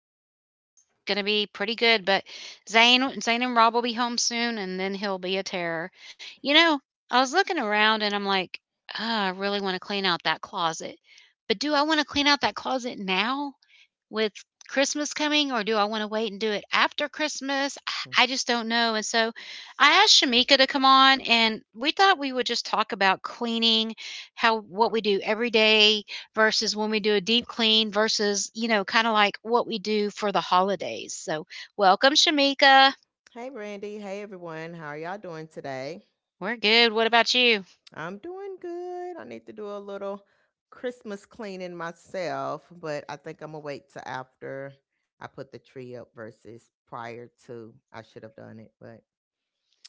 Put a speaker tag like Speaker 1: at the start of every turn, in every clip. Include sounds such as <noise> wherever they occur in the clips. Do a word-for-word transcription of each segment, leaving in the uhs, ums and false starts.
Speaker 1: so it's gonna be pretty good. But Zane, Zane and Rob will be home soon, and then he'll be a terror. You know, I was looking around and I'm like, "Ah, I really want to clean out that closet, but do I want to clean out that closet now with Christmas coming, or do I want to wait and do it after Christmas? I I just don't know. And so I asked Shamika to come on, and we thought we would just talk about cleaning, how what we do every day versus when we do a deep clean versus, you know, kind of like what we do for the holidays. So, welcome Shamika.
Speaker 2: Hey, Brandy. Hey, everyone. How are y'all doing today?
Speaker 1: We're good. What about you?
Speaker 2: I'm doing good. I need to do a little Christmas cleaning myself, but I think I'm going to wait till after I put the tree up versus prior to I should have done it, but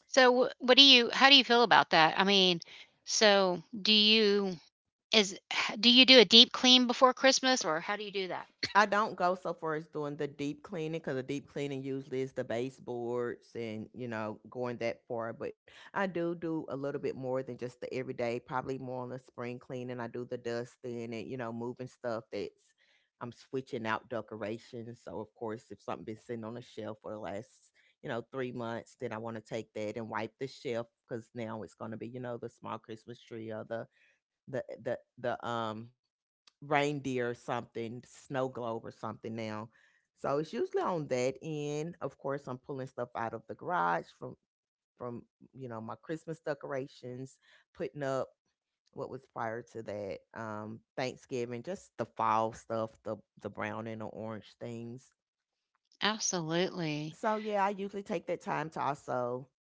Speaker 1: So, wh- what do you how do you feel about that? I mean, so do you is do you do a deep clean before Christmas, or how do you do that?
Speaker 2: I don't go so far as doing the deep cleaning because the deep cleaning usually is the baseboards and you know going that far. But I do do a little bit more than just the everyday. Probably more on the spring cleaning. I do the dusting and you know moving stuff that's I'm switching out decorations. So of course, if something been sitting on the shelf for the last you know three months, then I want to take that and wipe the shelf because now it's going to be you know the small Christmas tree or the the the the um reindeer or something, snow globe or something now. So it's usually on that end. Of course, I'm pulling stuff out of the garage from from you know my Christmas decorations, putting up what was prior to that um Thanksgiving, just the fall stuff, the the brown and the orange things.
Speaker 1: Absolutely.
Speaker 2: So yeah, I usually take that time to also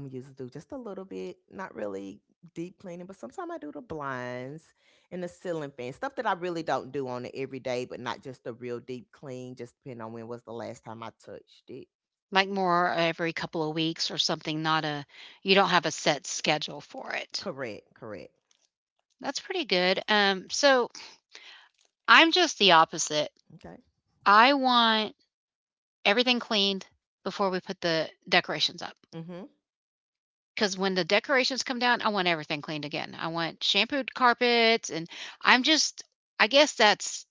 Speaker 2: I'm used to do just a little bit, not really deep cleaning, but sometimes I do the blinds and the ceiling fan, stuff that I really don't do on the everyday, but not just a real deep clean, just depending on when was the last time I touched it.
Speaker 1: Like more every couple of weeks or something, not a you don't have a set schedule for it.
Speaker 2: Correct, correct.
Speaker 1: That's pretty good. Um, so I'm just the opposite.
Speaker 2: Okay.
Speaker 1: I want everything cleaned before we put the decorations up.
Speaker 2: Mm-hmm.
Speaker 1: 'Cause when the decorations come down, I want everything cleaned again. I want shampooed carpets, and I'm just I guess that's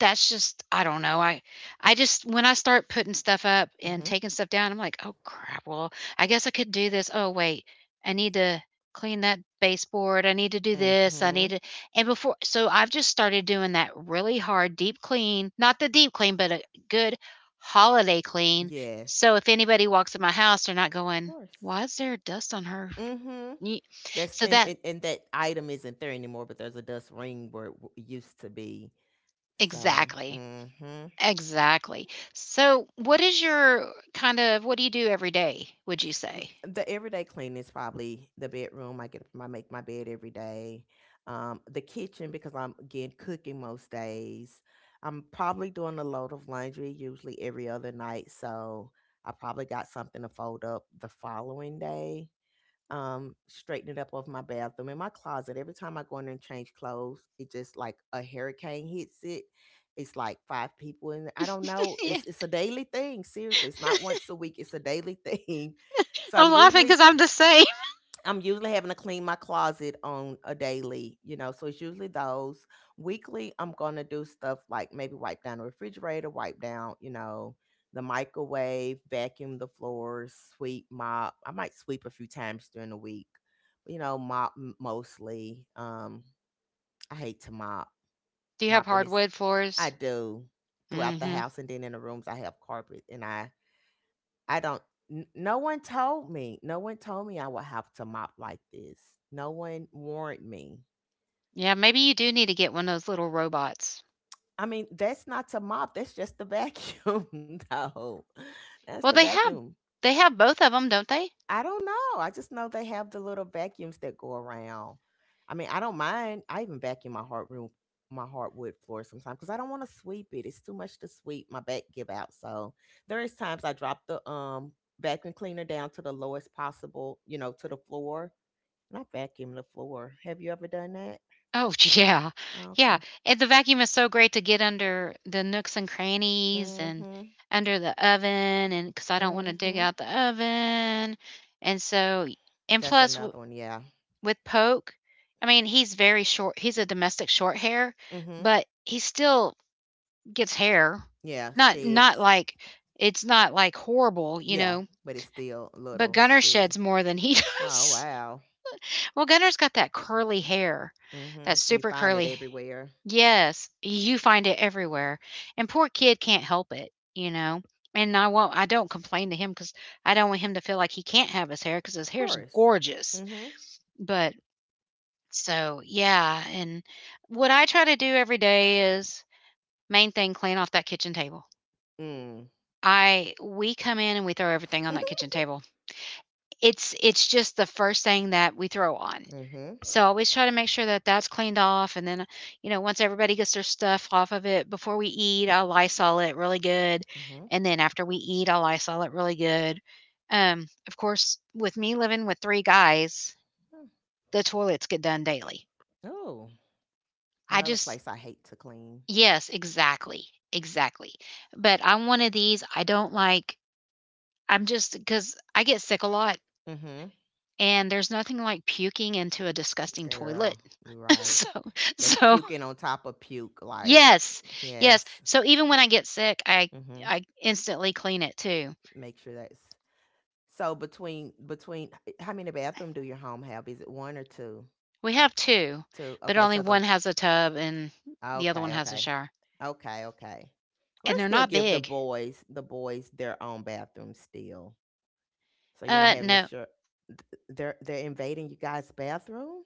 Speaker 1: that's just I don't know. I I just when I start putting stuff up and
Speaker 2: Mm-hmm.
Speaker 1: taking stuff down, I'm like, "Oh crap. Well, I guess I could do this. Oh wait. I need to clean that baseboard. I need to do this. I need
Speaker 2: Mm-hmm.
Speaker 1: to." And before so I've just started doing that really hard deep clean. Not the deep clean, but a good holiday clean.
Speaker 2: Yes.
Speaker 1: So if anybody walks in my house, they're not
Speaker 2: Of
Speaker 1: going,
Speaker 2: course.
Speaker 1: why is there dust on her
Speaker 2: Mm-hmm.
Speaker 1: knee?
Speaker 2: That's
Speaker 1: So
Speaker 2: and,
Speaker 1: that
Speaker 2: and, and that item isn't there anymore, but there's a dust ring where it w- used to be. So,
Speaker 1: exactly,
Speaker 2: mm-hmm.
Speaker 1: exactly. So what is your kind of what do you do every day, would you
Speaker 2: M-
Speaker 1: say? <laughs>
Speaker 2: the everyday clean is probably the bedroom. I get up, I make my bed every day. Um, the kitchen because I'm again cooking most days. I'm probably doing a load of laundry usually every other night, so I probably got something to fold up the following day um straighten it up off my bathroom in my closet every time I go in there and change clothes. It just like a hurricane hits it. It's like five people in there. I don't know.
Speaker 1: Yeah,
Speaker 2: It's it's a daily thing, seriously. It's not once a week, it's a daily <laughs> thing. So
Speaker 1: I'm
Speaker 2: I'm
Speaker 1: laughing because
Speaker 2: usually
Speaker 1: 'cause I'm the same.
Speaker 2: I'm usually having to clean my closet on a daily, you know, so it's usually those. Weekly, I'm going to do stuff like maybe wipe down the refrigerator, wipe down, you know, the microwave, vacuum the floors, sweep, mop. I might sweep a few times during the week, you know, mop m- mostly. Um, I hate to mop.
Speaker 1: <laughs> Do you have
Speaker 2: Mopping is,
Speaker 1: hardwood floors?
Speaker 2: I do
Speaker 1: mm
Speaker 2: throughout the
Speaker 1: Mhm.
Speaker 2: house, and then in the rooms, I have carpet and I I don't. n- No one told me. No one told me I would have to mop like this. No one warned me.
Speaker 1: Yeah, maybe you do need to get one of those little robots.
Speaker 2: I mean, that's not to mop. That's just the vacuum, <laughs> though. That's the
Speaker 1: Well, they have
Speaker 2: vacuum.
Speaker 1: they have both of them, 'em, don't they?
Speaker 2: I don't know. I just know they have the little vacuums that go around. I mean, I don't mind. I even vacuum my hard room, my hardwood floor sometimes because I don't want to sweep it. It's too much to sweep. My back give out. So there is times I drop the um vacuum cleaner down to the lowest possible, you know, to the floor. Not vacuum the floor. Have you ever done that?
Speaker 1: Oh, <laughs> yeah. Yeah.
Speaker 2: Okay.
Speaker 1: And the vacuum is so great to get under the nooks and crannies, and
Speaker 2: Mm-hmm.
Speaker 1: under the oven, and cuz I don't want to dig
Speaker 2: Mm-hmm.
Speaker 1: out the oven. And so and
Speaker 2: That's
Speaker 1: plus w-
Speaker 2: another one. Yeah.
Speaker 1: with Poke, I mean, he's very short. He's a domestic short hair,
Speaker 2: Mm-hmm.
Speaker 1: but he still gets hair.
Speaker 2: Yeah.
Speaker 1: Not not
Speaker 2: Sheds.
Speaker 1: like it's not like horrible, you
Speaker 2: Yeah.
Speaker 1: know,
Speaker 2: But it's still
Speaker 1: but
Speaker 2: little
Speaker 1: Gunner
Speaker 2: shed.
Speaker 1: sheds more than he <laughs>
Speaker 2: Oh
Speaker 1: does.
Speaker 2: wow.
Speaker 1: Well, Gunner's got that curly hair. That
Speaker 2: Mm-hmm. You
Speaker 1: super
Speaker 2: find it
Speaker 1: curly
Speaker 2: everywhere.
Speaker 1: Yes, you find it everywhere, and poor kid can't help it, you know. And I won't. I don't complain to him because I don't want him to feel like he can't have his hair because his
Speaker 2: Of
Speaker 1: hair's
Speaker 2: course.
Speaker 1: gorgeous.
Speaker 2: Mm-hmm.
Speaker 1: But so yeah, and what I try to do every day is main thing clean off that kitchen table.
Speaker 2: Mm.
Speaker 1: I we come in and we throw everything on that kitchen
Speaker 2: <laughs>
Speaker 1: table. It's it's just the first thing that we throw on.
Speaker 2: Mm-hmm.
Speaker 1: So I always try to make sure that that's cleaned off, and then, you know, once everybody gets their stuff off of it before we eat, I'll Lysol it really good,
Speaker 2: Mm-hmm.
Speaker 1: and then after we eat, I'll Lysol it really good. Um, of course, with me living with three guys, the toilets get done daily.
Speaker 2: Oh.
Speaker 1: I
Speaker 2: Another
Speaker 1: just
Speaker 2: place I hate to clean.
Speaker 1: yes, exactly, exactly. But I'm one of these, I don't like I'm just just because I get sick a lot.
Speaker 2: Mm-hmm.
Speaker 1: And there's nothing like puking into a disgusting toilet.
Speaker 2: Girl, you're
Speaker 1: <laughs>
Speaker 2: right.
Speaker 1: So
Speaker 2: That's
Speaker 1: so
Speaker 2: puking on top of puke. Like,
Speaker 1: yes, yes.
Speaker 2: yes.
Speaker 1: So even when I get sick, I
Speaker 2: Mm-hmm.
Speaker 1: I instantly clean it too.
Speaker 2: Make sure that's So between between how many bathroom do your home have? Is it one or two?
Speaker 1: We have two,
Speaker 2: Two.
Speaker 1: but
Speaker 2: Okay,
Speaker 1: only
Speaker 2: so
Speaker 1: one
Speaker 2: the
Speaker 1: has a tub, and the other one
Speaker 2: okay,
Speaker 1: has a
Speaker 2: okay.
Speaker 1: shower,
Speaker 2: Okay, okay. Well,
Speaker 1: and
Speaker 2: they
Speaker 1: they're
Speaker 2: still
Speaker 1: not
Speaker 2: give the
Speaker 1: big.
Speaker 2: boys the boys their own bathroom still. So you're not
Speaker 1: Uh,
Speaker 2: having to
Speaker 1: no.
Speaker 2: sure they're they're invading you guys' bathroom?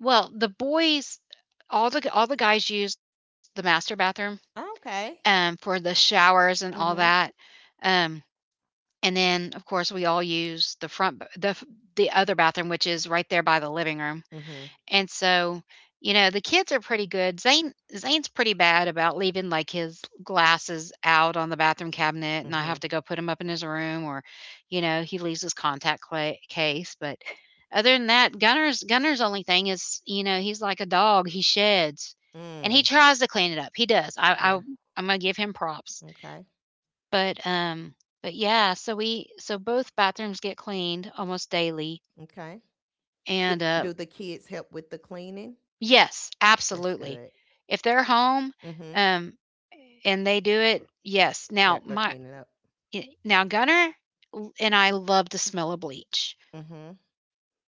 Speaker 1: Well, the boys all the all the guys use the master bathroom, um,
Speaker 2: Okay.
Speaker 1: for the showers and all that.
Speaker 2: Mhm.
Speaker 1: Um And then, of course, we all use the front b the f the other bathroom, which is right there by the living room,
Speaker 2: Mhm.
Speaker 1: and so, you know, the kids are pretty good. Zane Zane's pretty bad about leaving, like, his glasses out on the bathroom cabinet, and I have
Speaker 2: Mhm.
Speaker 1: to go put put 'em up in his room, or, you know, he leaves his contact clay case. But other than that, Gunner's Gunner's only thing is, you know, he's like a dog, he sheds, and he
Speaker 2: Mm.
Speaker 1: tries to clean it up. He does. I I
Speaker 2: Yeah.
Speaker 1: I'm gonna give him props.
Speaker 2: Okay.
Speaker 1: But, um but yeah, so we so both bathrooms get cleaned almost daily,
Speaker 2: Okay. Do,
Speaker 1: and, uh
Speaker 2: do the kids help with the cleaning?
Speaker 1: yes,
Speaker 2: That's
Speaker 1: absolutely.
Speaker 2: good.
Speaker 1: If they're home,
Speaker 2: Mhm.
Speaker 1: um, and they do it, yes. Now
Speaker 2: They're they're
Speaker 1: my
Speaker 2: cleaning up.
Speaker 1: I now Gunner l and I love the smell of bleach.
Speaker 2: Mhm.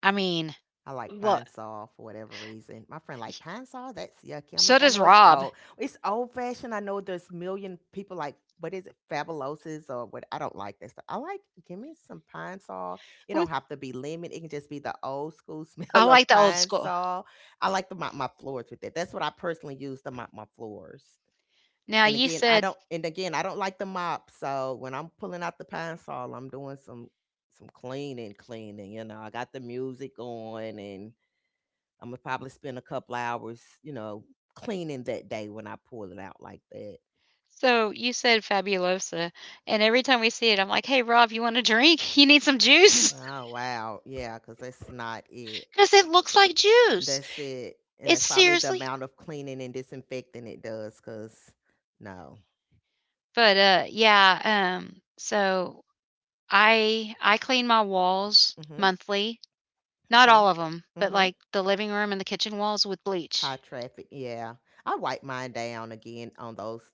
Speaker 1: I mean,
Speaker 2: I like
Speaker 1: lo
Speaker 2: Pine Sol for whatever reason. My friend like Pine Sol, that's yucky. I'm
Speaker 1: so
Speaker 2: like, I
Speaker 1: does
Speaker 2: know it's
Speaker 1: Rob.
Speaker 2: old. It's old fashioned. I know there's million people like what is it, fabulosis or what? I don't like that stuff. I like give me some Pine Sol. It
Speaker 1: We
Speaker 2: don't have to be lemon. It can just be the old school <laughs>
Speaker 1: I
Speaker 2: smell of
Speaker 1: like the old
Speaker 2: Pine
Speaker 1: school.
Speaker 2: Sol. I like to mop my floors with it. That's what I personally use to mop my floors.
Speaker 1: Now
Speaker 2: And
Speaker 1: you
Speaker 2: again, I
Speaker 1: said
Speaker 2: don't. And again, I don't like the mop. So when I'm pulling out the Pine Sol, I'm doing some some cleaning, cleaning. You know, I got the music on and I'm gonna probably spend a couple hours, you know, cleaning that day when I pull it out like that.
Speaker 1: So you said Fabulosa, and every time we see it, I'm like, "Hey, Rob, you want a drink? <laughs> You need some juice?"
Speaker 2: Oh wow, yeah, because that's not it.
Speaker 1: <laughs> Cause it looks like juice.
Speaker 2: That's it, and
Speaker 1: It's
Speaker 2: that's probably the
Speaker 1: seriously?
Speaker 2: amount of cleaning and disinfecting it does. Because no,
Speaker 1: But, uh, yeah, um, so I I clean my walls
Speaker 2: mm-hmm.
Speaker 1: monthly, not
Speaker 2: Okay,
Speaker 1: all of them, but,
Speaker 2: mm-hmm.
Speaker 1: like, the living room and the kitchen walls with bleach,
Speaker 2: High traffic, yeah. I wipe mine down again on those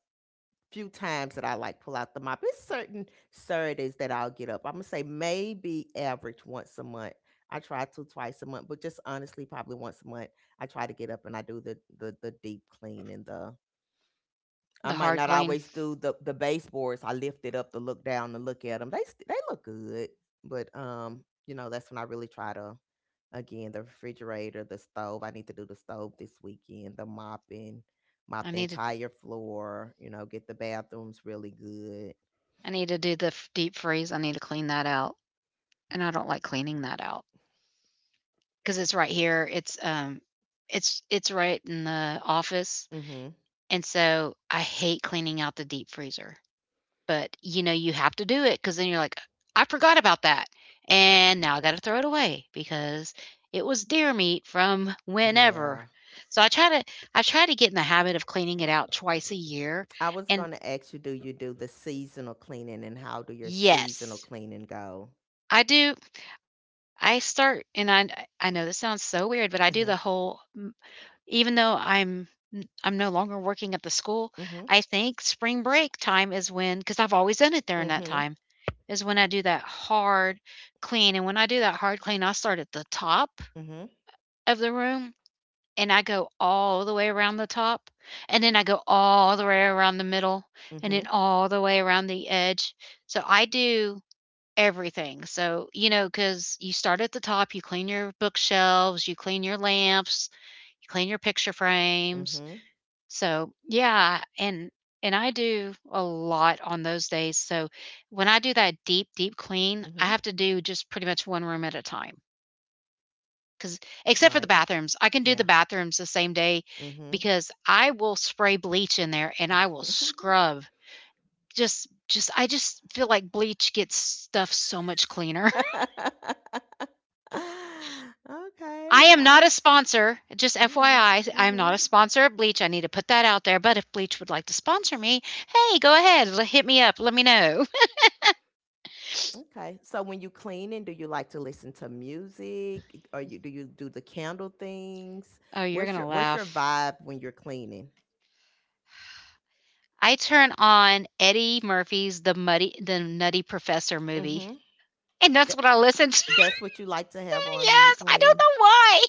Speaker 2: few times that I like pull out the mop. It's certain Saturdays that I'll get up. I'm gonna say maybe average once a month. I try to twice a month, but just honestly, probably once a month, I try to get up and I do the the, the deep clean and the. I
Speaker 1: the
Speaker 2: might
Speaker 1: hard
Speaker 2: not
Speaker 1: clean.
Speaker 2: always do the the baseboards. I lift it up to look down to look at them. They st- they look good, but um, you know, that's when I really try to Again, the refrigerator, the stove. I need to do the stove this weekend, the mopping,
Speaker 1: I
Speaker 2: mop the
Speaker 1: need to
Speaker 2: entire floor, you know, get the bathrooms really good.
Speaker 1: I need to do the f deep freeze, I need to clean that out, and I don't like cleaning that out because it's right here, it's, um, it's it's right in the office,
Speaker 2: Mhm.
Speaker 1: and so I hate cleaning out the deep freezer. But, you know, you have to do it because then you're like, "I forgot about that, and now I gotta throw it away because it was deer meat from whenever."
Speaker 2: Yeah.
Speaker 1: So I try to I try to get in the habit of cleaning it out twice a year,
Speaker 2: I was
Speaker 1: and
Speaker 2: going to ask you, do you do the seasonal cleaning, and how do your seasonal
Speaker 1: yes,
Speaker 2: cleaning go?
Speaker 1: I do I start, and I I know this sounds so weird, but I do the
Speaker 2: Mhm.
Speaker 1: whole even though I'm i I'm no longer working at the school,
Speaker 2: Mhm.
Speaker 1: I think spring break time is when, because 'cause I've always done it during that
Speaker 2: Mhm.
Speaker 1: time. Is when I do that hard clean. And when I do that hard clean, I start at the top
Speaker 2: Mhm.
Speaker 1: of the room, and I go all the way around the top. And then I go all the way around the middle, and then
Speaker 2: Mhm.
Speaker 1: all the way around the edge. So I do everything. So, you know, because you start at the top, you clean your bookshelves, you clean your lamps, you clean your picture frames,
Speaker 2: Mhm.
Speaker 1: so, yeah, and and I do a lot on those days, so when I do that deep, deep clean, I
Speaker 2: Mhm.
Speaker 1: have to do just pretty much one room at a time. Because except for the
Speaker 2: Right.
Speaker 1: bathrooms, I can do
Speaker 2: Yeah.
Speaker 1: the bathrooms the same day
Speaker 2: Mhm.
Speaker 1: because I will spray bleach in there and I will
Speaker 2: <laughs>
Speaker 1: scrub. Just just I just feel like bleach gets stuff so much cleaner. <laughs>
Speaker 2: Okay, you
Speaker 1: I am
Speaker 2: know,
Speaker 1: not a
Speaker 2: it's
Speaker 1: sponsor, just FYI.
Speaker 2: okay.
Speaker 1: I I am not
Speaker 2: Mhm.
Speaker 1: a sponsor of bleach, I need to put that out there, but if bleach would like to sponsor me, hey, go ahead, l hit me up, let me know.
Speaker 2: Okay. So when you cleaning, do you like to listen to music? Or you do you do the candle things?
Speaker 1: Oh, you're
Speaker 2: What's your
Speaker 1: gonna
Speaker 2: what's your
Speaker 1: laugh.
Speaker 2: vibe when you're cleaning?
Speaker 1: I turn on Eddie Murphy's The Muddy The Nutty Professor movie,
Speaker 2: Mm-hmm.
Speaker 1: and that's
Speaker 2: Th-
Speaker 1: what I listen to. <laughs>
Speaker 2: that's what you like to have on when you
Speaker 1: Yes, I don't
Speaker 2: clean.
Speaker 1: know why.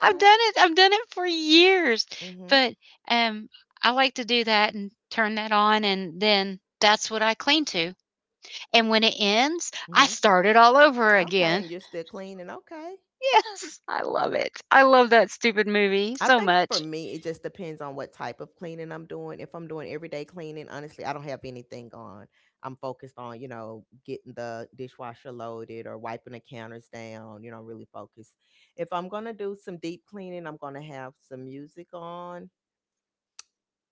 Speaker 1: I've done it I've done it for years,
Speaker 2: Mm-hmm.
Speaker 1: but, um, I like to do that and turn that on, and then that's what I clean to, and when it ends, I
Speaker 2: Mm-hmm.
Speaker 1: start it all over
Speaker 2: Okay.
Speaker 1: again.
Speaker 2: And you're
Speaker 1: <laughs>
Speaker 2: still cleaning. Okay.
Speaker 1: Yes, I love it. I love that stupid movie
Speaker 2: I
Speaker 1: so
Speaker 2: think for
Speaker 1: much.
Speaker 2: me, it just depends on what type of cleaning I'm doing. If I'm doing everyday cleaning, honestly, I don't have anything on. I'm focused on, you know, getting the dishwasher loaded or wiping the counters down, you know, really focused. If I'm going to do some deep cleaning, I'm going to have some music on.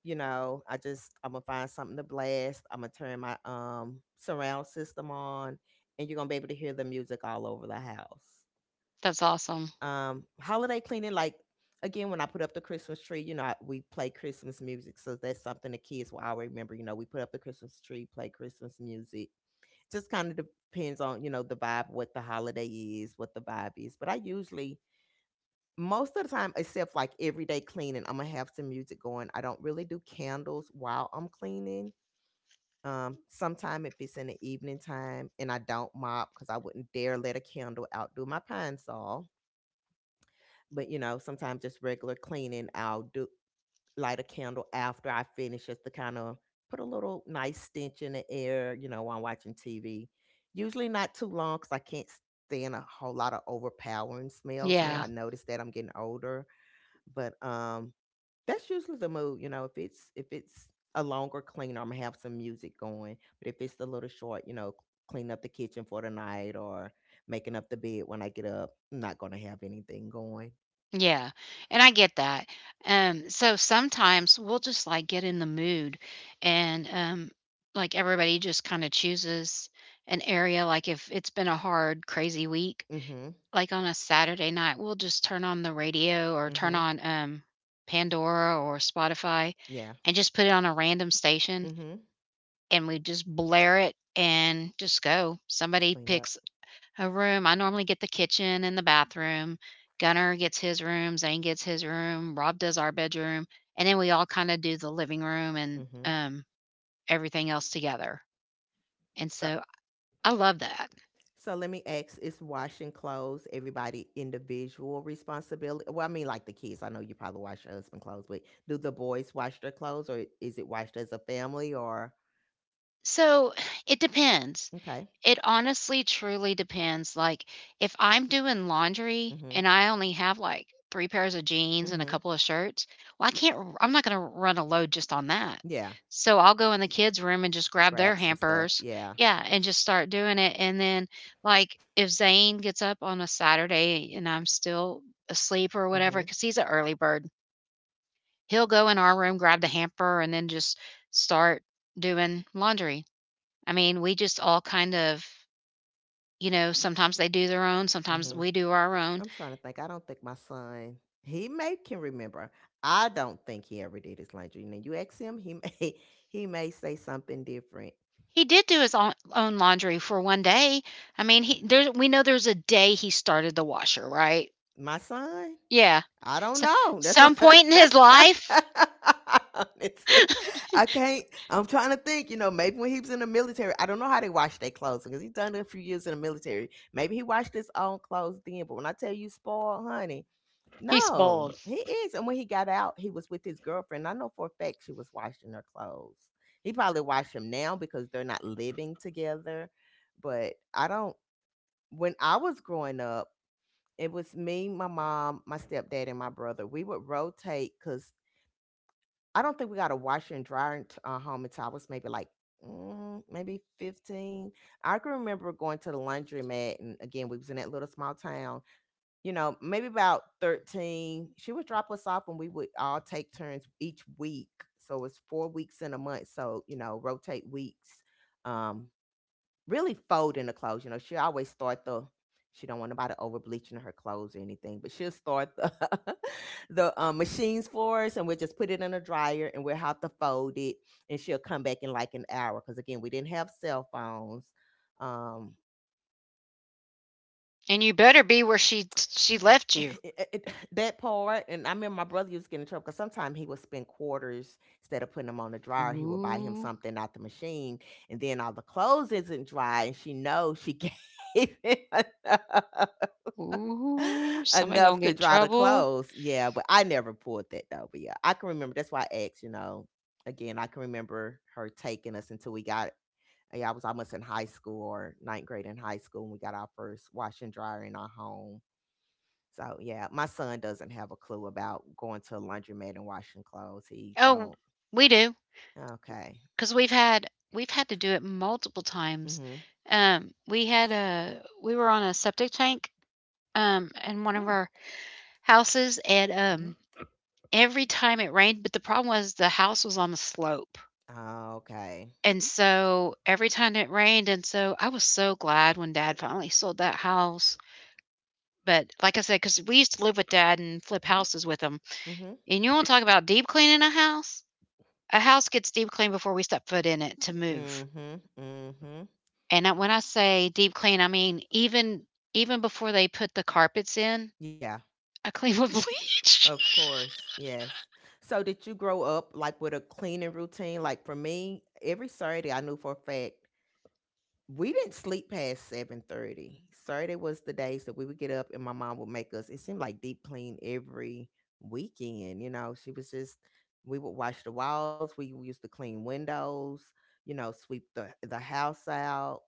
Speaker 2: You know, I just, I'm going to find something to blast. I'm going to turn my um, surround system on, and you're going to be able to hear the music all over the house.
Speaker 1: That's awesome.
Speaker 2: Um holiday cleaning, like again, when I put up the Christmas tree, you know, I, we play Christmas music. So that's something the kids will always remember. You know, we put up the Christmas tree, play Christmas music. Just kind of depends on, you know, the vibe, what the holiday is, what the vibe is. But I usually, most of the time, except like everyday cleaning, I'm gonna have some music going. I don't really do candles while I'm cleaning. Um sometime if it's in the evening time and I don't mop, because I wouldn't dare let a candle outdo my Pine saw but you know, sometimes just regular cleaning, I'll do light a candle after I finish, just to kind of put a little nice stench in the air, you know, while I'm watching TV. Usually not too long because I can't stand a whole lot of overpowering smells now.
Speaker 1: Yeah.
Speaker 2: I notice that I'm getting older. But um that's usually the mood. You know, if it's if it's a longer clean, I'm gonna have some music going. But if it's a little short, you know, clean up the kitchen for the night or making up the bed when I get up, I'm not gonna have anything going.
Speaker 1: Yeah, and I get that. Um, so sometimes we'll just like get in the mood and um like everybody just kind of chooses an area, like if it's been a hard, crazy week,
Speaker 2: Hmm.
Speaker 1: like on a Saturday night, we'll just turn on the radio or turn
Speaker 2: Mhm.
Speaker 1: on um Pandora or Spotify
Speaker 2: Yeah.
Speaker 1: and just put it on a random station,
Speaker 2: Mhm.
Speaker 1: and we just blare it and just go. Somebody
Speaker 2: Clean up.
Speaker 1: picks a room I normally get the kitchen and the bathroom. Gunner gets his room, Zane gets his room, Rob does our bedroom, and then we all kinda do the living room and,
Speaker 2: Mhm.
Speaker 1: um, everything else together, and
Speaker 2: So
Speaker 1: so I love that.
Speaker 2: so let me ask, is washing clothes everybody individual responsibility? Well, I mean like the kids. I know you probably wash your husband clothes, but do the boys wash their clothes or is it washed as a family or
Speaker 1: So, it depends.
Speaker 2: okay.
Speaker 1: It honestly truly depends, like, if I'm doing laundry
Speaker 2: Mhm.
Speaker 1: and I only have, like, three pairs of jeans and a
Speaker 2: Mhm.
Speaker 1: couple of shirts, well, I can't r I'm not gonna run a load just on that.
Speaker 2: Yeah.
Speaker 1: So, I'll go in the kids' room and just grab their
Speaker 2: Grab some stuff.
Speaker 1: hampers
Speaker 2: Yeah.
Speaker 1: yeah, and just start doing it, and then, like, if Zane gets up on a Saturday and I'm still asleep or whatever,
Speaker 2: Mhm.
Speaker 1: because he's an early bird, he'll go in our room, grab the hamper, and then just start doing laundry. I mean, we just all kind of you know, sometimes they do their own, sometimes
Speaker 2: Mhm.
Speaker 1: we do our own.
Speaker 2: I'm trying to think. I don't think my son he may can remember. I don't think he ever did his laundry. Now you ask him, he may <laughs> he may say something different
Speaker 1: He did do his own own laundry for one day. I mean, he there we know there's a day he started the washer, right?
Speaker 2: my son
Speaker 1: Yeah.
Speaker 2: I don't
Speaker 1: So
Speaker 2: know. That's
Speaker 1: some
Speaker 2: what
Speaker 1: point in his life,
Speaker 2: <laughs> honestly, I can't. I'm trying to think. You know, maybe when he was in the military, I don't know how they wash their clothes because he done it a few years in the military. Maybe he washed his own clothes then. But when I tell you, spoiled, honey,
Speaker 1: he
Speaker 2: no,
Speaker 1: spoiled.
Speaker 2: he is. And when he got out, he was with his girlfriend. I know for a fact she was washing her clothes. He probably washed them now because they're not living together. But I don't. When I was growing up it was me, my mom, my stepdad, and my brother. We would rotate because I don't think we got a washer and dryer in t- uh, home until I was maybe like mm, maybe fifteen. I can remember going to the laundromat, and again, we was in that little small town. You know, maybe about thirteen. She would drop us off, and we would all take turns each week. So it was four weeks in a month. So you know, rotate weeks. Um, really folding the clothes. You know, she always start the she don't want nobody over bleaching her clothes or anything, but she'll start the <laughs> the um, machines for us, and we'll just put it in a dryer, and we'll have to fold it, and she'll come back in like an hour because again, we didn't have cell phones. Um,
Speaker 1: And you better be where she she
Speaker 2: <laughs>
Speaker 1: left you.
Speaker 2: it- it- that part, and I remember my brother used to get in trouble because sometimes he would spend quarters instead of putting them on the dryer, he would buy him
Speaker 1: Ooh,
Speaker 2: something out the machine, and then all the clothes isn't dry, and she knows she <laughs> gave him enough.
Speaker 1: ooh,
Speaker 2: <laughs>
Speaker 1: somebody gonna
Speaker 2: Enough to
Speaker 1: get in
Speaker 2: dry the
Speaker 1: trouble.
Speaker 2: clothes. Yeah, but I never pulled that though. But yeah, I can remember. That's why I asked, you know, again, I can remember her taking us until we got, yeah, I was almost in high school or ninth grade in high school when we got our first wash and dryer in our home. So yeah, my son doesn't have a clue about going to a laundromat and washing clothes. He
Speaker 1: Oh,
Speaker 2: don't.
Speaker 1: we do,
Speaker 2: Okay.
Speaker 1: because we've had we've had to do it multiple times. Um, we had a we were on a septic tank, um, and one of
Speaker 2: Mhm.
Speaker 1: our houses and,
Speaker 2: Hmm.
Speaker 1: um, every time it rained but the problem was the house was on a slope,
Speaker 2: Mhm. Okay.
Speaker 1: and so every time it rained and so I was so glad when dad finally sold that house, but like I said, because we used to live with dad and flip houses with him,
Speaker 2: Hmm,
Speaker 1: and you wanna talk about deep cleaning a house? A house gets deep cleaned before we step foot in it to
Speaker 2: hmm,
Speaker 1: move,
Speaker 2: hmm, hmm.
Speaker 1: and I when I say deep clean, I mean even even before they put the carpets in,
Speaker 2: Yeah.
Speaker 1: I clean with <laughs> bleach.
Speaker 2: Of course, yes. So, did you grow up like with a cleaning routine? Like for me, every Saturday, I knew for a fact we didn't sleep past seven thirty. Saturday was the days that we would get up, and my mom would make us. It seemed like deep clean every weekend. You know, she was just we would wash the walls. We used to clean windows. You know, sweep the the house out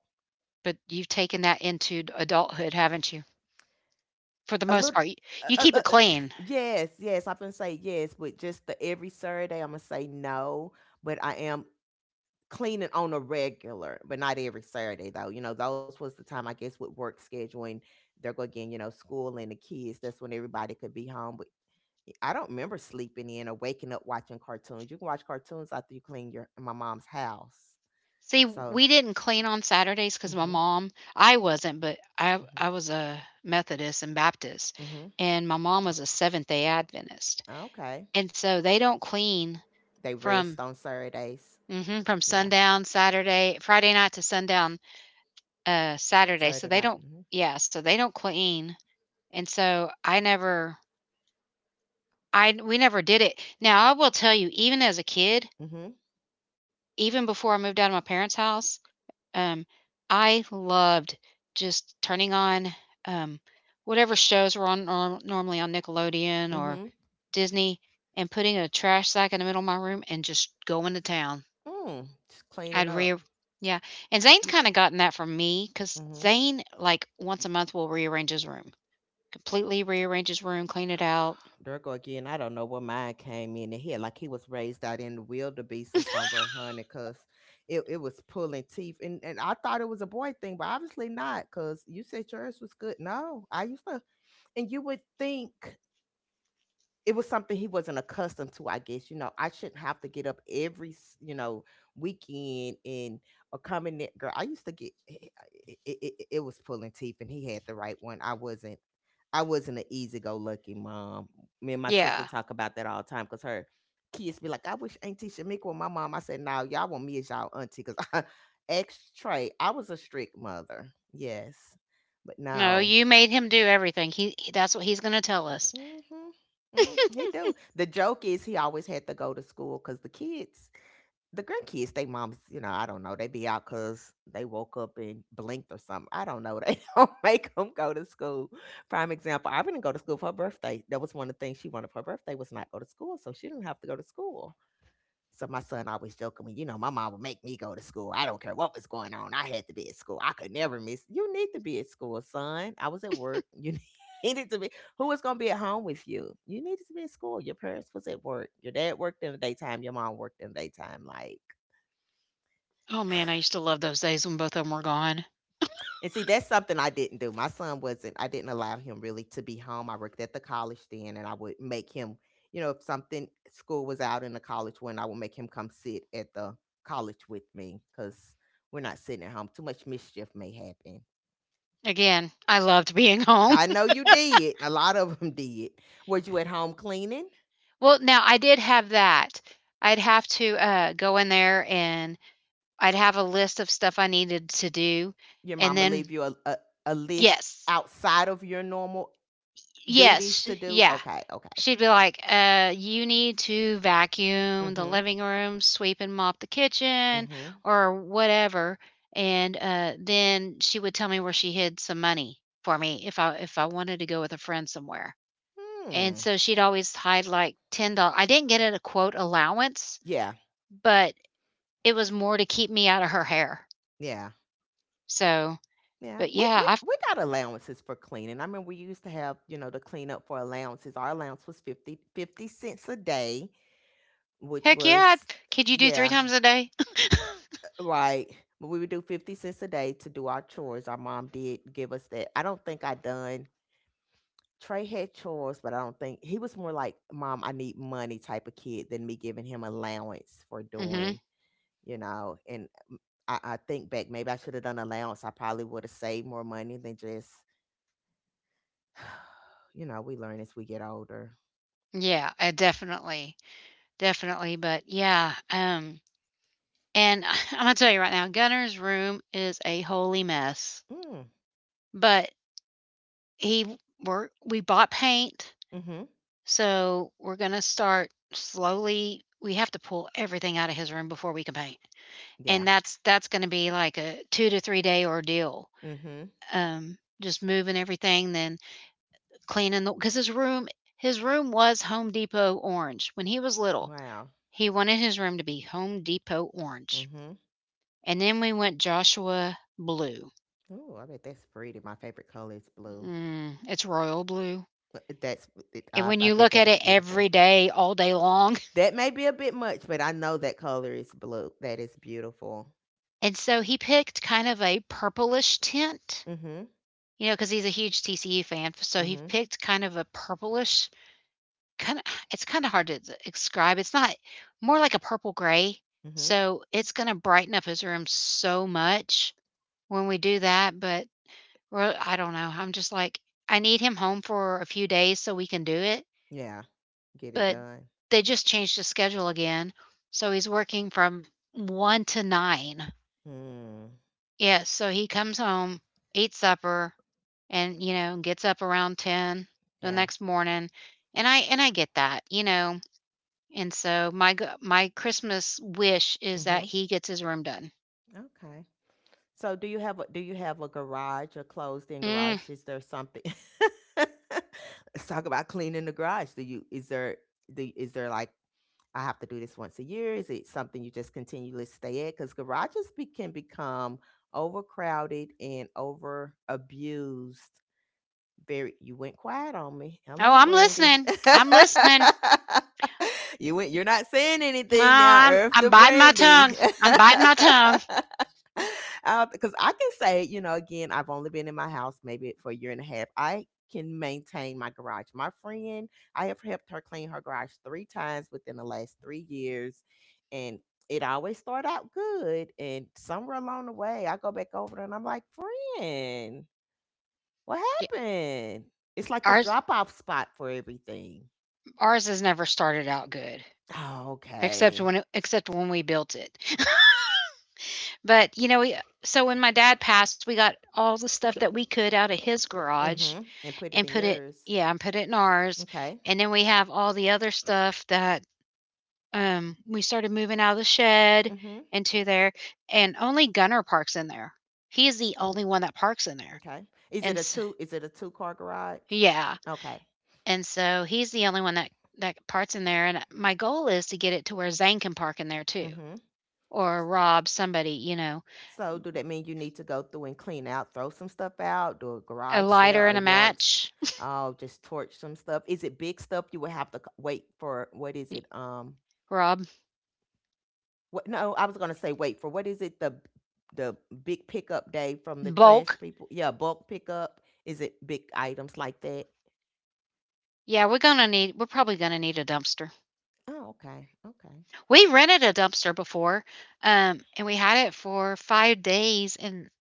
Speaker 1: But you've taken that into adulthood, haven't you? For the
Speaker 2: a
Speaker 1: most
Speaker 2: little.
Speaker 1: part, y
Speaker 2: Uh,
Speaker 1: you
Speaker 2: uh,
Speaker 1: keep
Speaker 2: uh,
Speaker 1: it
Speaker 2: uh,
Speaker 1: clean.
Speaker 2: <sighs> yes, yes, I'm gonna say yes, but just the every Saturday, I'm gonna say no but I am cleaning on a regular, but not every Saturday though. You know, those was the time I guess with work scheduling, there go again, you know, school and the kids. That's when everybody could be home. But I don't remember sleeping in or waking up watching cartoons. You can watch cartoons after you clean your my mom's house.
Speaker 1: See,
Speaker 2: So,
Speaker 1: we didn't clean on Saturdays because my
Speaker 2: mhm,
Speaker 1: mom I wasn't, but I
Speaker 2: mhm,
Speaker 1: I was a Methodist and Baptist,
Speaker 2: mhm.
Speaker 1: and my mom was a Seventh-day Adventist,
Speaker 2: Okay,
Speaker 1: and so they don't clean
Speaker 2: they rest
Speaker 1: from
Speaker 2: on Saturdays.
Speaker 1: mhm, from
Speaker 2: Yeah,
Speaker 1: sundown Saturday Friday night to sundown, uh, Saturday, so
Speaker 2: Saturday
Speaker 1: they
Speaker 2: night.
Speaker 1: don't
Speaker 2: Mhm,
Speaker 1: yeah, so they don't clean, and so I never I we never did it. Now I will tell you, even as a kid,
Speaker 2: mhm,
Speaker 1: even before I moved out of my parents' house, Um, I loved just turning on, um, whatever shows were on nor normally on Nickelodeon or
Speaker 2: mhm.
Speaker 1: Disney and putting a trash sack in the middle of my room and just going to town.
Speaker 2: Mm, just cleaning
Speaker 1: I'd re
Speaker 2: up.
Speaker 1: yeah, and Zane's kinda gotten that from me 'cause
Speaker 2: Mm-hmm.
Speaker 1: Zane, like, once a month will rearrange his room, completely rearrange his room, clean it out.
Speaker 2: <sighs> There again. I don't know what mine came in the head. Like he was raised out in the wildebeest or somewhere, honey, because it, it was pulling teeth. And, and I thought it was a boy thing, but obviously not, because you said yours was good. No, I used to. And you would think it was something he wasn't accustomed to, I guess. You know, I shouldn't have to get up every, s- you know, weekend and or come in there. Girl, I used to get it, it, it it was pulling teeth and he had the right one. I wasn't I wasn't an easy go lucky mom. Me and my sister
Speaker 1: Yeah.
Speaker 2: talk about that all the time because her kids be like, I wish Auntie Shamika was my mom. I said, No, y'all want me as y'all auntie because <laughs> I ex Trey, I was a strict mother. Yes. But
Speaker 1: No,
Speaker 2: no.
Speaker 1: you made him do everything. He he that's what he's gonna tell us.
Speaker 2: Mhm. Mm, he do. The joke is he always had to go to school because the kids, the grandkids, they moms, you know, I don't know, they be out because they woke up and blinked or something. I don't know. They <laughs> don't make them go to school. Prime example, I didn't go to school for her birthday. That was one of the things she wanted for her birthday was not go to school, so she didn't have to go to school. So my son always joking me, you know, my mom would make me go to school. I don't care what was going on. I had to be at school. I could never miss. You need to be at school, son. I was at work. You <laughs> needed to be. Who was going to be at home with you? You needed to be at school. Your parents was at work. Your dad worked in the daytime. Your mom worked in the daytime. Like,
Speaker 1: Oh, man, I used to love those days when both of them were gone.
Speaker 2: and see, that's something I didn't do. My son wasn't, I didn't allow him really to be home. I worked at the college then and I would make him, you know, if something school was out in the college one, I would make him come sit at the college with me because we're not sitting at home. Too much mischief may happen.
Speaker 1: Again, I loved being <laughs> home.
Speaker 2: I know you did. A lot of them <laughs> did. Were you at home cleaning?
Speaker 1: Well, now I did have that. I'd have to, uh, go in there and I'd have a list of stuff I needed to do,
Speaker 2: Your
Speaker 1: and
Speaker 2: mama
Speaker 1: then
Speaker 2: leave you a, a, a list
Speaker 1: yes.
Speaker 2: outside of your normal duties
Speaker 1: Yes,
Speaker 2: to
Speaker 1: sh-
Speaker 2: do?
Speaker 1: yeah.
Speaker 2: Okay, okay.
Speaker 1: She'd be like, "Uh, you need to vacuum the
Speaker 2: Mm-hmm.
Speaker 1: living room, sweep and mop the kitchen,"
Speaker 2: Mm-hmm.
Speaker 1: or whatever, and, uh, then she would tell me where she hid some money for me if I if I wanted to go with a friend somewhere, and
Speaker 2: Hmm.
Speaker 1: so she'd always hide, like, ten dollars I didn't get a quote allowance,
Speaker 2: Yeah,
Speaker 1: but it was more to keep me out of her hair.
Speaker 2: yeah.
Speaker 1: So,
Speaker 2: Yeah,
Speaker 1: but
Speaker 2: we,
Speaker 1: yeah,
Speaker 2: we
Speaker 1: I
Speaker 2: we got allowances for cleaning. I remember we used to have, you know, the cleanup for allowances. Our allowance was fifty fifty cents a day, which
Speaker 1: heck yeah. I'd-
Speaker 2: was,
Speaker 1: could you do three
Speaker 2: yeah,
Speaker 1: times a day?
Speaker 2: uh, right. But we would do fifty cents a day to do our chores. Our mom did give us that. I don't think I done, Trey had chores, but I don't think he was more like, Mom, I need money type of kid than me giving him allowance for
Speaker 1: <laughs> hmm
Speaker 2: doing, you know. And mm, I, I think back, maybe I should have done allowance. I probably would have saved more money than just <sighs> you know, we learn as we get older.
Speaker 1: Yeah, uh, definitely, definitely. But yeah, um, and <laughs> I'm gonna tell you right now, Gunner's room is a holy mess.
Speaker 2: Mm.
Speaker 1: But he, we're we bought paint,
Speaker 2: Mm-hmm.
Speaker 1: so we're gonna start slowly. We have to pull everything out of his room before we can paint,
Speaker 2: Yeah.
Speaker 1: and that's that's gonna be like a two to three day ordeal.
Speaker 2: Mm-hmm.
Speaker 1: Um, just moving everything, then cleaning the because his room his room was Home Depot orange when he was little.
Speaker 2: Wow.
Speaker 1: He wanted his room to be Home Depot orange,
Speaker 2: Mm-hmm.
Speaker 1: and then we went Joshua blue.
Speaker 2: Oh, I bet that's pretty. My favorite color is blue.
Speaker 1: Mm, it's royal blue.
Speaker 2: But That's it-
Speaker 1: And
Speaker 2: I,
Speaker 1: when
Speaker 2: I
Speaker 1: you
Speaker 2: bet
Speaker 1: look
Speaker 2: that
Speaker 1: at
Speaker 2: is
Speaker 1: it
Speaker 2: beautiful.
Speaker 1: every day, all day long,
Speaker 2: That may be a bit much, but I know that color is blue. That is beautiful.
Speaker 1: <laughs> and so he picked kind of a purplish tint,
Speaker 2: Mm-hmm.
Speaker 1: you know, because he's a huge T C U fan. So he
Speaker 2: Mm-hmm.
Speaker 1: picked kind of a purplish kind of. <sighs> It's kind of hard to describe. It's not more like a purple gray.
Speaker 2: Mm-hmm.
Speaker 1: So it's going to brighten up his room so much when we do that, but we're I don't know, I'm just like, I need him home for a few days so we can do it,
Speaker 2: Yeah. Get it
Speaker 1: but
Speaker 2: done.
Speaker 1: they just changed the schedule again, so he's working from one to nine.
Speaker 2: Mm.
Speaker 1: Yes, so he comes home, eats supper, and, you know, gets up around ten the
Speaker 2: Yeah.
Speaker 1: next morning, and I and I get that, you know, and so my g my Christmas wish is that
Speaker 2: Mm-hmm.
Speaker 1: he gets his room done.
Speaker 2: Okay. So do you have a do you have a garage, a closed-in
Speaker 1: Mm.
Speaker 2: garage? Is there something <laughs> let's talk about cleaning the garage. Do you is there the is there like I have to do this once a year? Is it something you just continually stay at? Because garages be, can become overcrowded and over abused very you went quiet on me.
Speaker 1: Oh,
Speaker 2: Hello,
Speaker 1: I'm
Speaker 2: Brandy.
Speaker 1: listening. I'm
Speaker 2: <laughs>
Speaker 1: listening.
Speaker 2: you went you're not saying
Speaker 1: No,
Speaker 2: anything now,
Speaker 1: I'm
Speaker 2: Earth
Speaker 1: I'm
Speaker 2: to
Speaker 1: biting my tongue.
Speaker 2: Brandy.
Speaker 1: I'm
Speaker 2: <laughs>
Speaker 1: biting my tongue.
Speaker 2: Because I can say, you know, again, I've only been in my house maybe for a year and a half. I can maintain my garage. My friend, I have helped her clean her garage three times within the last three years. And it always start out good. And somewhere along the way, I go back over there and I'm like, friend. What
Speaker 1: Y-
Speaker 2: happened? It's like the
Speaker 1: Ours
Speaker 2: drop off spot for everything.
Speaker 1: ours has never started out good,
Speaker 2: Oh,
Speaker 1: except
Speaker 2: okay.
Speaker 1: when it, except when we built it. <laughs> but you know, we, so when my dad passed, we got all the stuff that we could out of his garage
Speaker 2: Mm-hmm. And put
Speaker 1: and
Speaker 2: it in
Speaker 1: put it,
Speaker 2: yours.
Speaker 1: yeah, and put it in ours.
Speaker 2: Okay.
Speaker 1: And then we have all the other stuff that um we started moving out of the shed
Speaker 2: Mm-hmm.
Speaker 1: into there, and only Gunner parks in there. He's the only one that parks in there.
Speaker 2: Okay. Is
Speaker 1: And
Speaker 2: it a
Speaker 1: s
Speaker 2: two is it a two car garage?
Speaker 1: yeah,
Speaker 2: Okay.
Speaker 1: and so he's the only one that that parts in there, and my goal is to get it to where Zane can park in there too,
Speaker 2: Mm-hmm.
Speaker 1: or Rob, somebody, you know,
Speaker 2: So do that mean you need to go through and clean out, throw some stuff out, do a
Speaker 1: a
Speaker 2: garage sale
Speaker 1: lighter
Speaker 2: or
Speaker 1: and a
Speaker 2: yards?
Speaker 1: match.
Speaker 2: Oh, just torch some stuff. Is it big stuff? You would have to c- wait for what is it? Um
Speaker 1: <laughs> Rob,
Speaker 2: What no, I was gonna say wait for what is it the the big pickup day from the trash
Speaker 1: bulk.
Speaker 2: people? Yeah, bulk pickup. Is it big items like that?
Speaker 1: Yeah, we're gonna need. We're probably gonna need a dumpster.
Speaker 2: Oh, okay, okay.
Speaker 1: We rented a dumpster before, um, and we had it for five days, and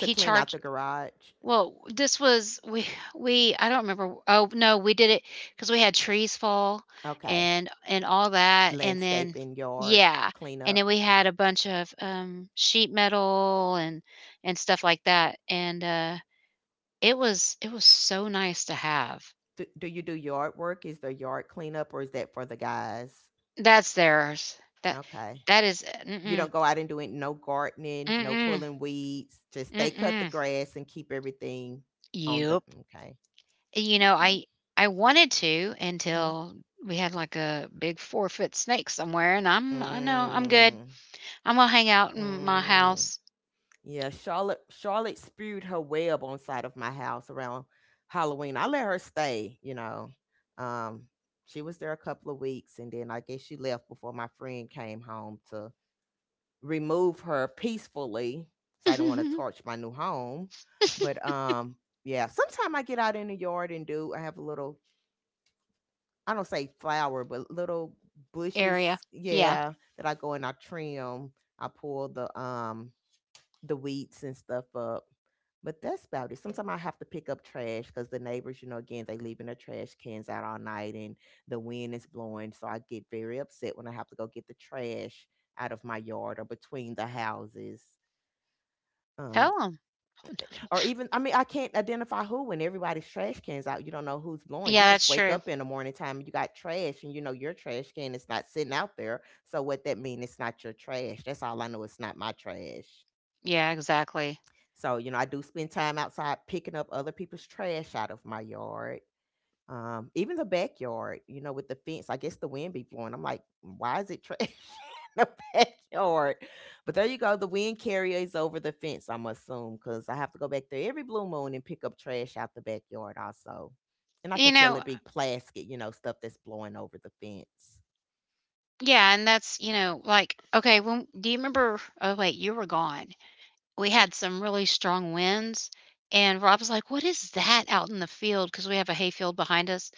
Speaker 2: To clean out
Speaker 1: charged
Speaker 2: the garage.
Speaker 1: well, this was we we I don't remember oh, no, we did it because we had trees fall
Speaker 2: Okay,
Speaker 1: and and all that, and then
Speaker 2: landscaping, yard
Speaker 1: yeah, and then
Speaker 2: cleanup.
Speaker 1: we had a bunch of, um, sheet metal and and stuff like that, and, uh, it was it was so nice to have.
Speaker 2: Do, do you do yard work? Is there yard cleanup, or is that for the guys?
Speaker 1: That's theirs. That
Speaker 2: Okay,
Speaker 1: thats is uh,
Speaker 2: you
Speaker 1: mm-mm,
Speaker 2: don't go out and do it. No gardening, no
Speaker 1: mm-mm,
Speaker 2: pulling weeds. Just they cut the
Speaker 1: mm-mm.
Speaker 2: grass and keep everything on the.
Speaker 1: Yep.
Speaker 2: Okay,
Speaker 1: You know,
Speaker 2: okay.
Speaker 1: I I wanted to
Speaker 2: Mm-hmm.
Speaker 1: until we had like a big four foot snake somewhere, and I'm I know I'm good.
Speaker 2: Mm.
Speaker 1: I'm gonna hang out in my
Speaker 2: Mm,
Speaker 1: house
Speaker 2: yeah, Charlotte Charlotte spewed her web on side of my house around Halloween. I let her stay, you know. Um, she was there a couple of weeks and then I guess she left before my friend came home to remove her peacefully. So I didn't want to
Speaker 1: <laughs>
Speaker 2: torch my new home. But um yeah, sometime I get out in the yard and do I have a little I don't say flower, but little bushes,
Speaker 1: area. Yeah,
Speaker 2: yeah, that I go and I trim. I pull the um the weeds and stuff up. But that's about it. Sometimes I have to pick up trash because the neighbors, you know, again, they leaving their trash cans out all night and the wind is blowing. So I get very upset when I have to go get the trash out of my yard or between the houses. Um,
Speaker 1: tell them.
Speaker 2: or even, I mean, I can't identify who when everybody's trash cans out. You don't know who's blowing. You
Speaker 1: Yeah,
Speaker 2: just
Speaker 1: that's
Speaker 2: wake
Speaker 1: true.
Speaker 2: up in the morning time and you got trash and you know your trash can is not sitting out there. So what that mean? It's not your trash. That's all I know. It's not my trash.
Speaker 1: Yeah, exactly.
Speaker 2: So, you know, I do spend time outside picking up other people's trash out of my yard. Um, even the backyard, you know, with the fence, I guess the wind be blowing. I'm like, "Mm, why is it trash <laughs> in the backyard?" But there you go. The wind carries over the fence, I'm assume, because I have to go back there every blue moon and pick up trash out the backyard also. And I can
Speaker 1: You
Speaker 2: tell it
Speaker 1: know,
Speaker 2: be plastic, you know, stuff that's blowing over the fence.
Speaker 1: yeah, and that's you know like okay. When do you remember? Oh wait, you were gone. We had some really strong winds, and Rob was like, "What is that out in the field?" Because we have a hayfield behind us,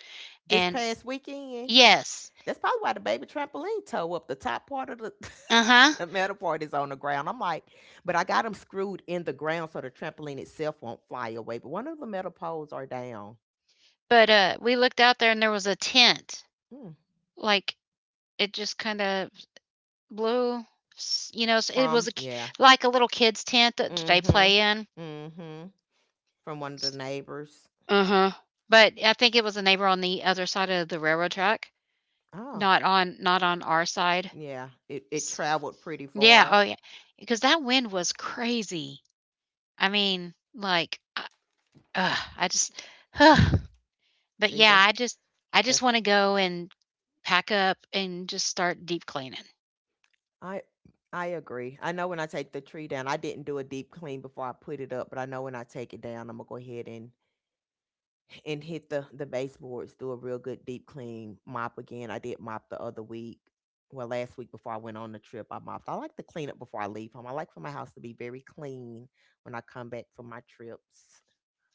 Speaker 2: This
Speaker 1: and
Speaker 2: past weekend,
Speaker 1: yes,
Speaker 2: that's probably why the baby trampoline toe up the top part of the,
Speaker 1: uh huh.
Speaker 2: <laughs> the metal part is on the ground. I'm like, but I got them screwed in the ground so the trampoline itself won't fly away. But one of the metal poles are down.
Speaker 1: But, uh, we looked out there and there was a tent.
Speaker 2: Mm.
Speaker 1: Like, it just kinda blew s you know, s it was
Speaker 2: From,
Speaker 1: a k-
Speaker 2: yeah.
Speaker 1: like a little kid's tent that they
Speaker 2: Mm-hmm.
Speaker 1: play in.
Speaker 2: Mm-hmm. From one of the neighbors.
Speaker 1: Uh-huh. But I think it was a neighbor on the other side of the railroad track,
Speaker 2: Oh,
Speaker 1: not on not on our side.
Speaker 2: yeah. It it
Speaker 1: S
Speaker 2: traveled pretty
Speaker 1: yeah,
Speaker 2: far.
Speaker 1: oh, yeah. Because that wind was crazy. I mean, like, I ugh, I just ugh. But,
Speaker 2: See that
Speaker 1: yeah, I just I just
Speaker 2: that's
Speaker 1: wanna go and pack up and just start deep cleaning.
Speaker 2: I I agree. I know when I take the tree down, I didn't do a deep clean before I put it up, but I know when I take it down, I'm gonna go ahead and and hit the the baseboards, do a real good deep clean, mop again. I did mop the other week. Well, last week before I went on the trip, I mopped. I like to clean up before I leave home. I like for my house to be very clean when I come back from my trips.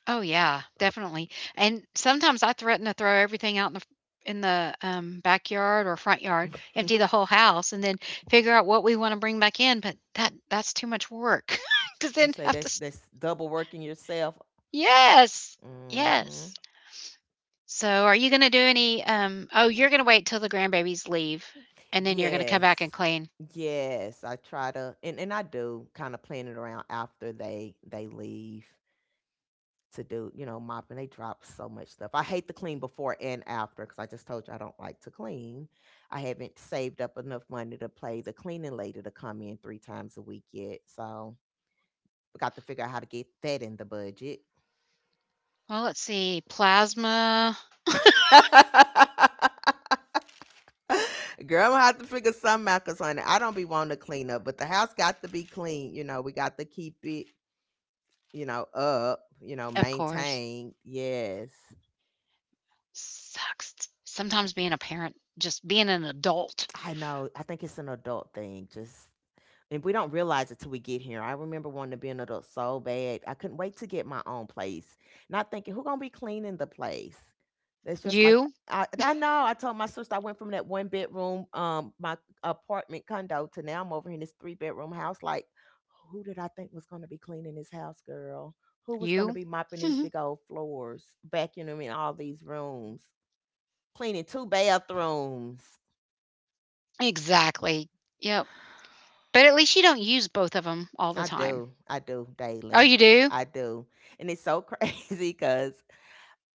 Speaker 1: Oh, yeah, definitely, and sometimes I threaten to throw everything out in the in the, um, backyard or front yard,
Speaker 2: <laughs> You
Speaker 1: empty the whole house, and then figure out what we wanna bring back in, but that that's too much work <laughs> because then
Speaker 2: say
Speaker 1: have to
Speaker 2: that's
Speaker 1: s
Speaker 2: that's double working yourself.
Speaker 1: yes,
Speaker 2: Hmm.
Speaker 1: yes. So, are you gonna do any, um oh, you're gonna wait till the grandbabies leave, and then you're gonna come back and
Speaker 2: Yes.
Speaker 1: clean.
Speaker 2: Yes, I try to, and, and I do kind of plan it around after they they leave. To do, you know, mopping. They drop so much stuff. I hate to clean before and after because I just told you I don't like to clean. I haven't saved up enough money to pay the cleaning lady to come in three times a week yet. So we got to figure out how to get that in the budget.
Speaker 1: Well, let's see, plasma,
Speaker 2: <laughs> Girl, I'm gonna have to figure some out because honey, I don't be wanting to clean up, but the house got to be clean. You know, we got to keep it, you know, up, you know,
Speaker 1: of course.
Speaker 2: maintained. Yes.
Speaker 1: Sucks. Sometimes being a parent, just being an adult.
Speaker 2: I know. I think it's an adult thing. Just. And we don't realize it till we get here. I remember wanting to be an adult so bad. I couldn't wait to get my own place. Not thinking, who gonna be cleaning the place? It's just like
Speaker 1: You?
Speaker 2: I, I know. I told my sister I went from that one bedroom, um, my apartment condo to now I'm over in this three bedroom house. Like, who did I think was gonna be cleaning this house, girl? Who was gonna
Speaker 1: You?
Speaker 2: be mopping these
Speaker 1: <laughs>
Speaker 2: big old floors, vacuuming all these rooms, cleaning two bathrooms?
Speaker 1: Exactly. Yep.
Speaker 2: <sighs>
Speaker 1: But at least you don't use both of them all the
Speaker 2: I
Speaker 1: time.
Speaker 2: do. I do
Speaker 1: Oh,
Speaker 2: daily.
Speaker 1: you do?
Speaker 2: I do. And it's so <laughs> crazy because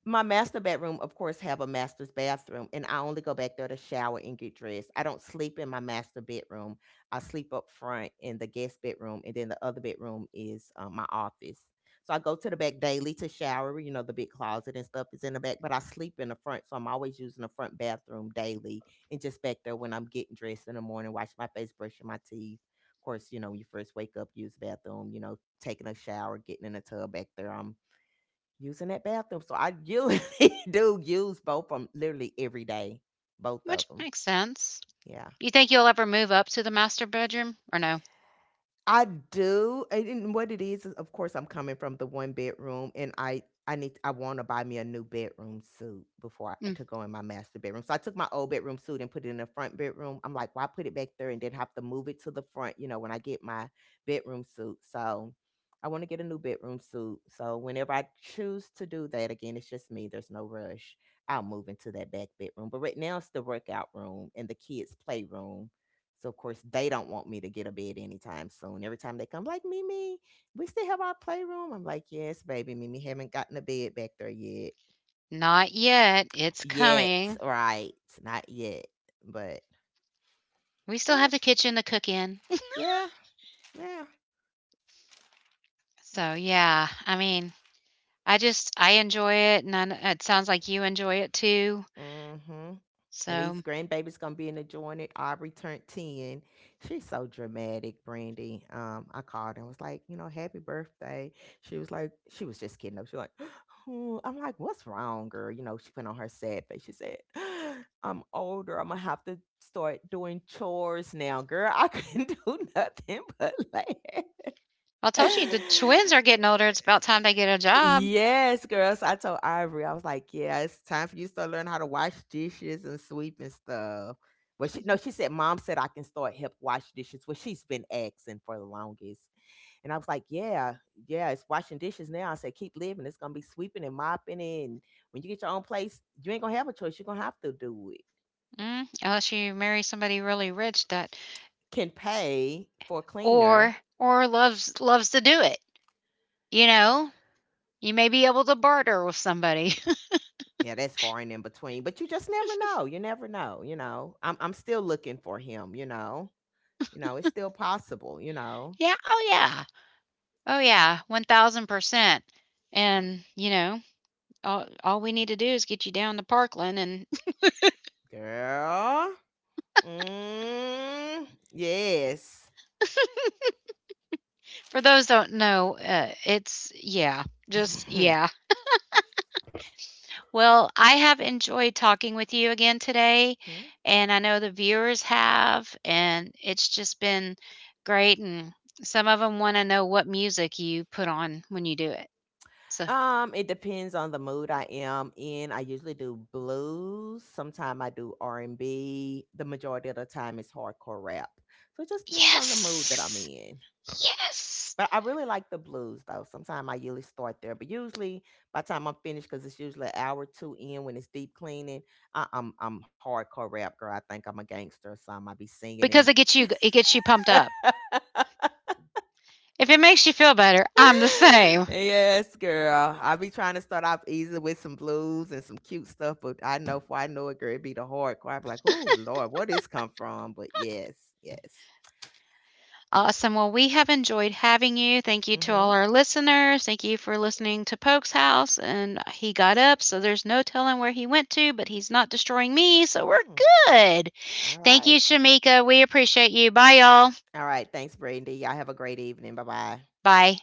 Speaker 2: my master bedroom, of course, have a master's bathroom, and I only go back there to shower and get dressed. I don't sleep in my master bedroom. I sleep up front in the guest bedroom, and then the other bedroom is, um, my office. So I go to the back daily to shower. You know, the big closet and stuff is in the back, but I sleep in the front, so I'm always using the front bathroom daily and just back there when I'm getting dressed in the morning, washing my face, brushing my teeth. Of course, you know, when you first wake up, use the bathroom. You know, taking a shower, getting in the tub back there. I'm using that bathroom. So I usually <laughs> do use both of them literally every day, both of
Speaker 1: Which
Speaker 2: them.
Speaker 1: makes sense.
Speaker 2: Yeah.
Speaker 1: You think you'll ever move up to the master bedroom or no?
Speaker 2: I do, and and what it is is, of course, I'm coming from the one bedroom, and I I need I want to buy me a new bedroom suit before I
Speaker 1: Mm,
Speaker 2: to go in my master bedroom. So I took my old bedroom suit and put it in the front bedroom. I'm like, why put it back there and then have to move it to the front? You know, when I get my bedroom suit, so I want to get a new bedroom suit. So whenever I choose to do that, again, it's just me. There's no rush. I'll move into that back bedroom, but right now it's the workout room and the kids' playroom, so of course they don't want me to get a bed anytime soon. Every time they come, like, Mimi, we still have our playroom. I'm like, yes, baby, Mimi haven't gotten a bed back there yet.
Speaker 1: not yet. It's
Speaker 2: Yet,
Speaker 1: coming.
Speaker 2: right? Not yet, but
Speaker 1: We still
Speaker 2: yeah,
Speaker 1: have the kitchen to cook in. <laughs>
Speaker 2: yeah, yeah.
Speaker 1: So, yeah, I mean, I just I enjoy it and I kn- it sounds like you enjoy it too.
Speaker 2: hmm And these
Speaker 1: So,
Speaker 2: grandbabies gonna be in the joint. Aubrey turned ten. She's so dramatic, Brandy. Um, I called and was like, you know, happy birthday. She was like, she was just kidding. She was like, <gasps> "Oh," I'm like, what's wrong, girl? You know, she put on her sad face. She said, <gasps> I'm older. I'm gonna have to start doing chores now, girl. I couldn't <laughs> do nothing but <laughs> laugh.
Speaker 1: I told you
Speaker 2: <laughs>
Speaker 1: the twins are getting older. It's about time they get a job.
Speaker 2: Yes, girl. So I told Ivory, I was like, "Yeah, it's time for you to start learning how to wash dishes and sweep and stuff." But she, no, she said, "Mom said I can start help wash dishes," which she's been asking for the longest. And I was like, "Yeah, yeah, it's washing dishes now." I said, "Keep living. It's gonna be sweeping and mopping, and when you get your own place, you ain't gonna have a choice. You're gonna have to do it."
Speaker 1: Mm, unless you marry somebody really rich that
Speaker 2: Can pay for a
Speaker 1: or
Speaker 2: cleaner.
Speaker 1: or loves loves to do it. You know, you may be able to barter with somebody. <laughs>
Speaker 2: Yeah, that's far and in between. But you just never know. You never know, you know. I'm I'm still looking for him, you know. You know, it's still possible, you know.
Speaker 1: Yeah, oh yeah. Oh yeah, one thousand percent. And, you know, all all we need to do is get you down to Parkland, and
Speaker 2: Girl. Mm, yes.
Speaker 1: <laughs> for those that don't know, uh, it's yeah, just yeah.
Speaker 2: <laughs>
Speaker 1: Well, I have enjoyed talking with you again today,
Speaker 2: Hmm?
Speaker 1: and I know the viewers have, and it's just been great, and some of them 'em wanna know what music you put on when you do it. So
Speaker 2: Um, it depends on the mood I am in. I usually do blues. Sometimes I do R and B. The majority of the time it's hardcore rap. So it just depends on the mood that I'm
Speaker 1: yes!
Speaker 2: in.
Speaker 1: Yes!
Speaker 2: But I really like the blues though. Sometimes I usually start there, but usually by the time I'm finished, because it's usually an hour or two in when it's deep cleaning. I, I'm I'm hardcore rap girl. I think I'm a gangster or something. I be singing
Speaker 1: Because
Speaker 2: and
Speaker 1: it gets you it gets you pumped up. If it makes you feel better, I'm the same.
Speaker 2: <laughs> yes, girl. I be trying to start off easy with some blues and some cute stuff, but I know for I know it, girl, it be the hardcore. I be like, oh Lord, where this come from? But yes, yes.
Speaker 1: Awesome. Well, we have enjoyed having you. Thank you to
Speaker 2: Mm-hmm.
Speaker 1: all our listeners. Thank you for listening to Poke's house. And he got up, so there's no telling where he went to, but he's not destroying me, so we're
Speaker 2: Hmm.
Speaker 1: good.
Speaker 2: All
Speaker 1: Thank you,
Speaker 2: right.
Speaker 1: Shamika. We appreciate you. Bye, y'all.
Speaker 2: All right. Thanks, Brandy. Y'all have a great evening. Bye bye.
Speaker 1: Bye.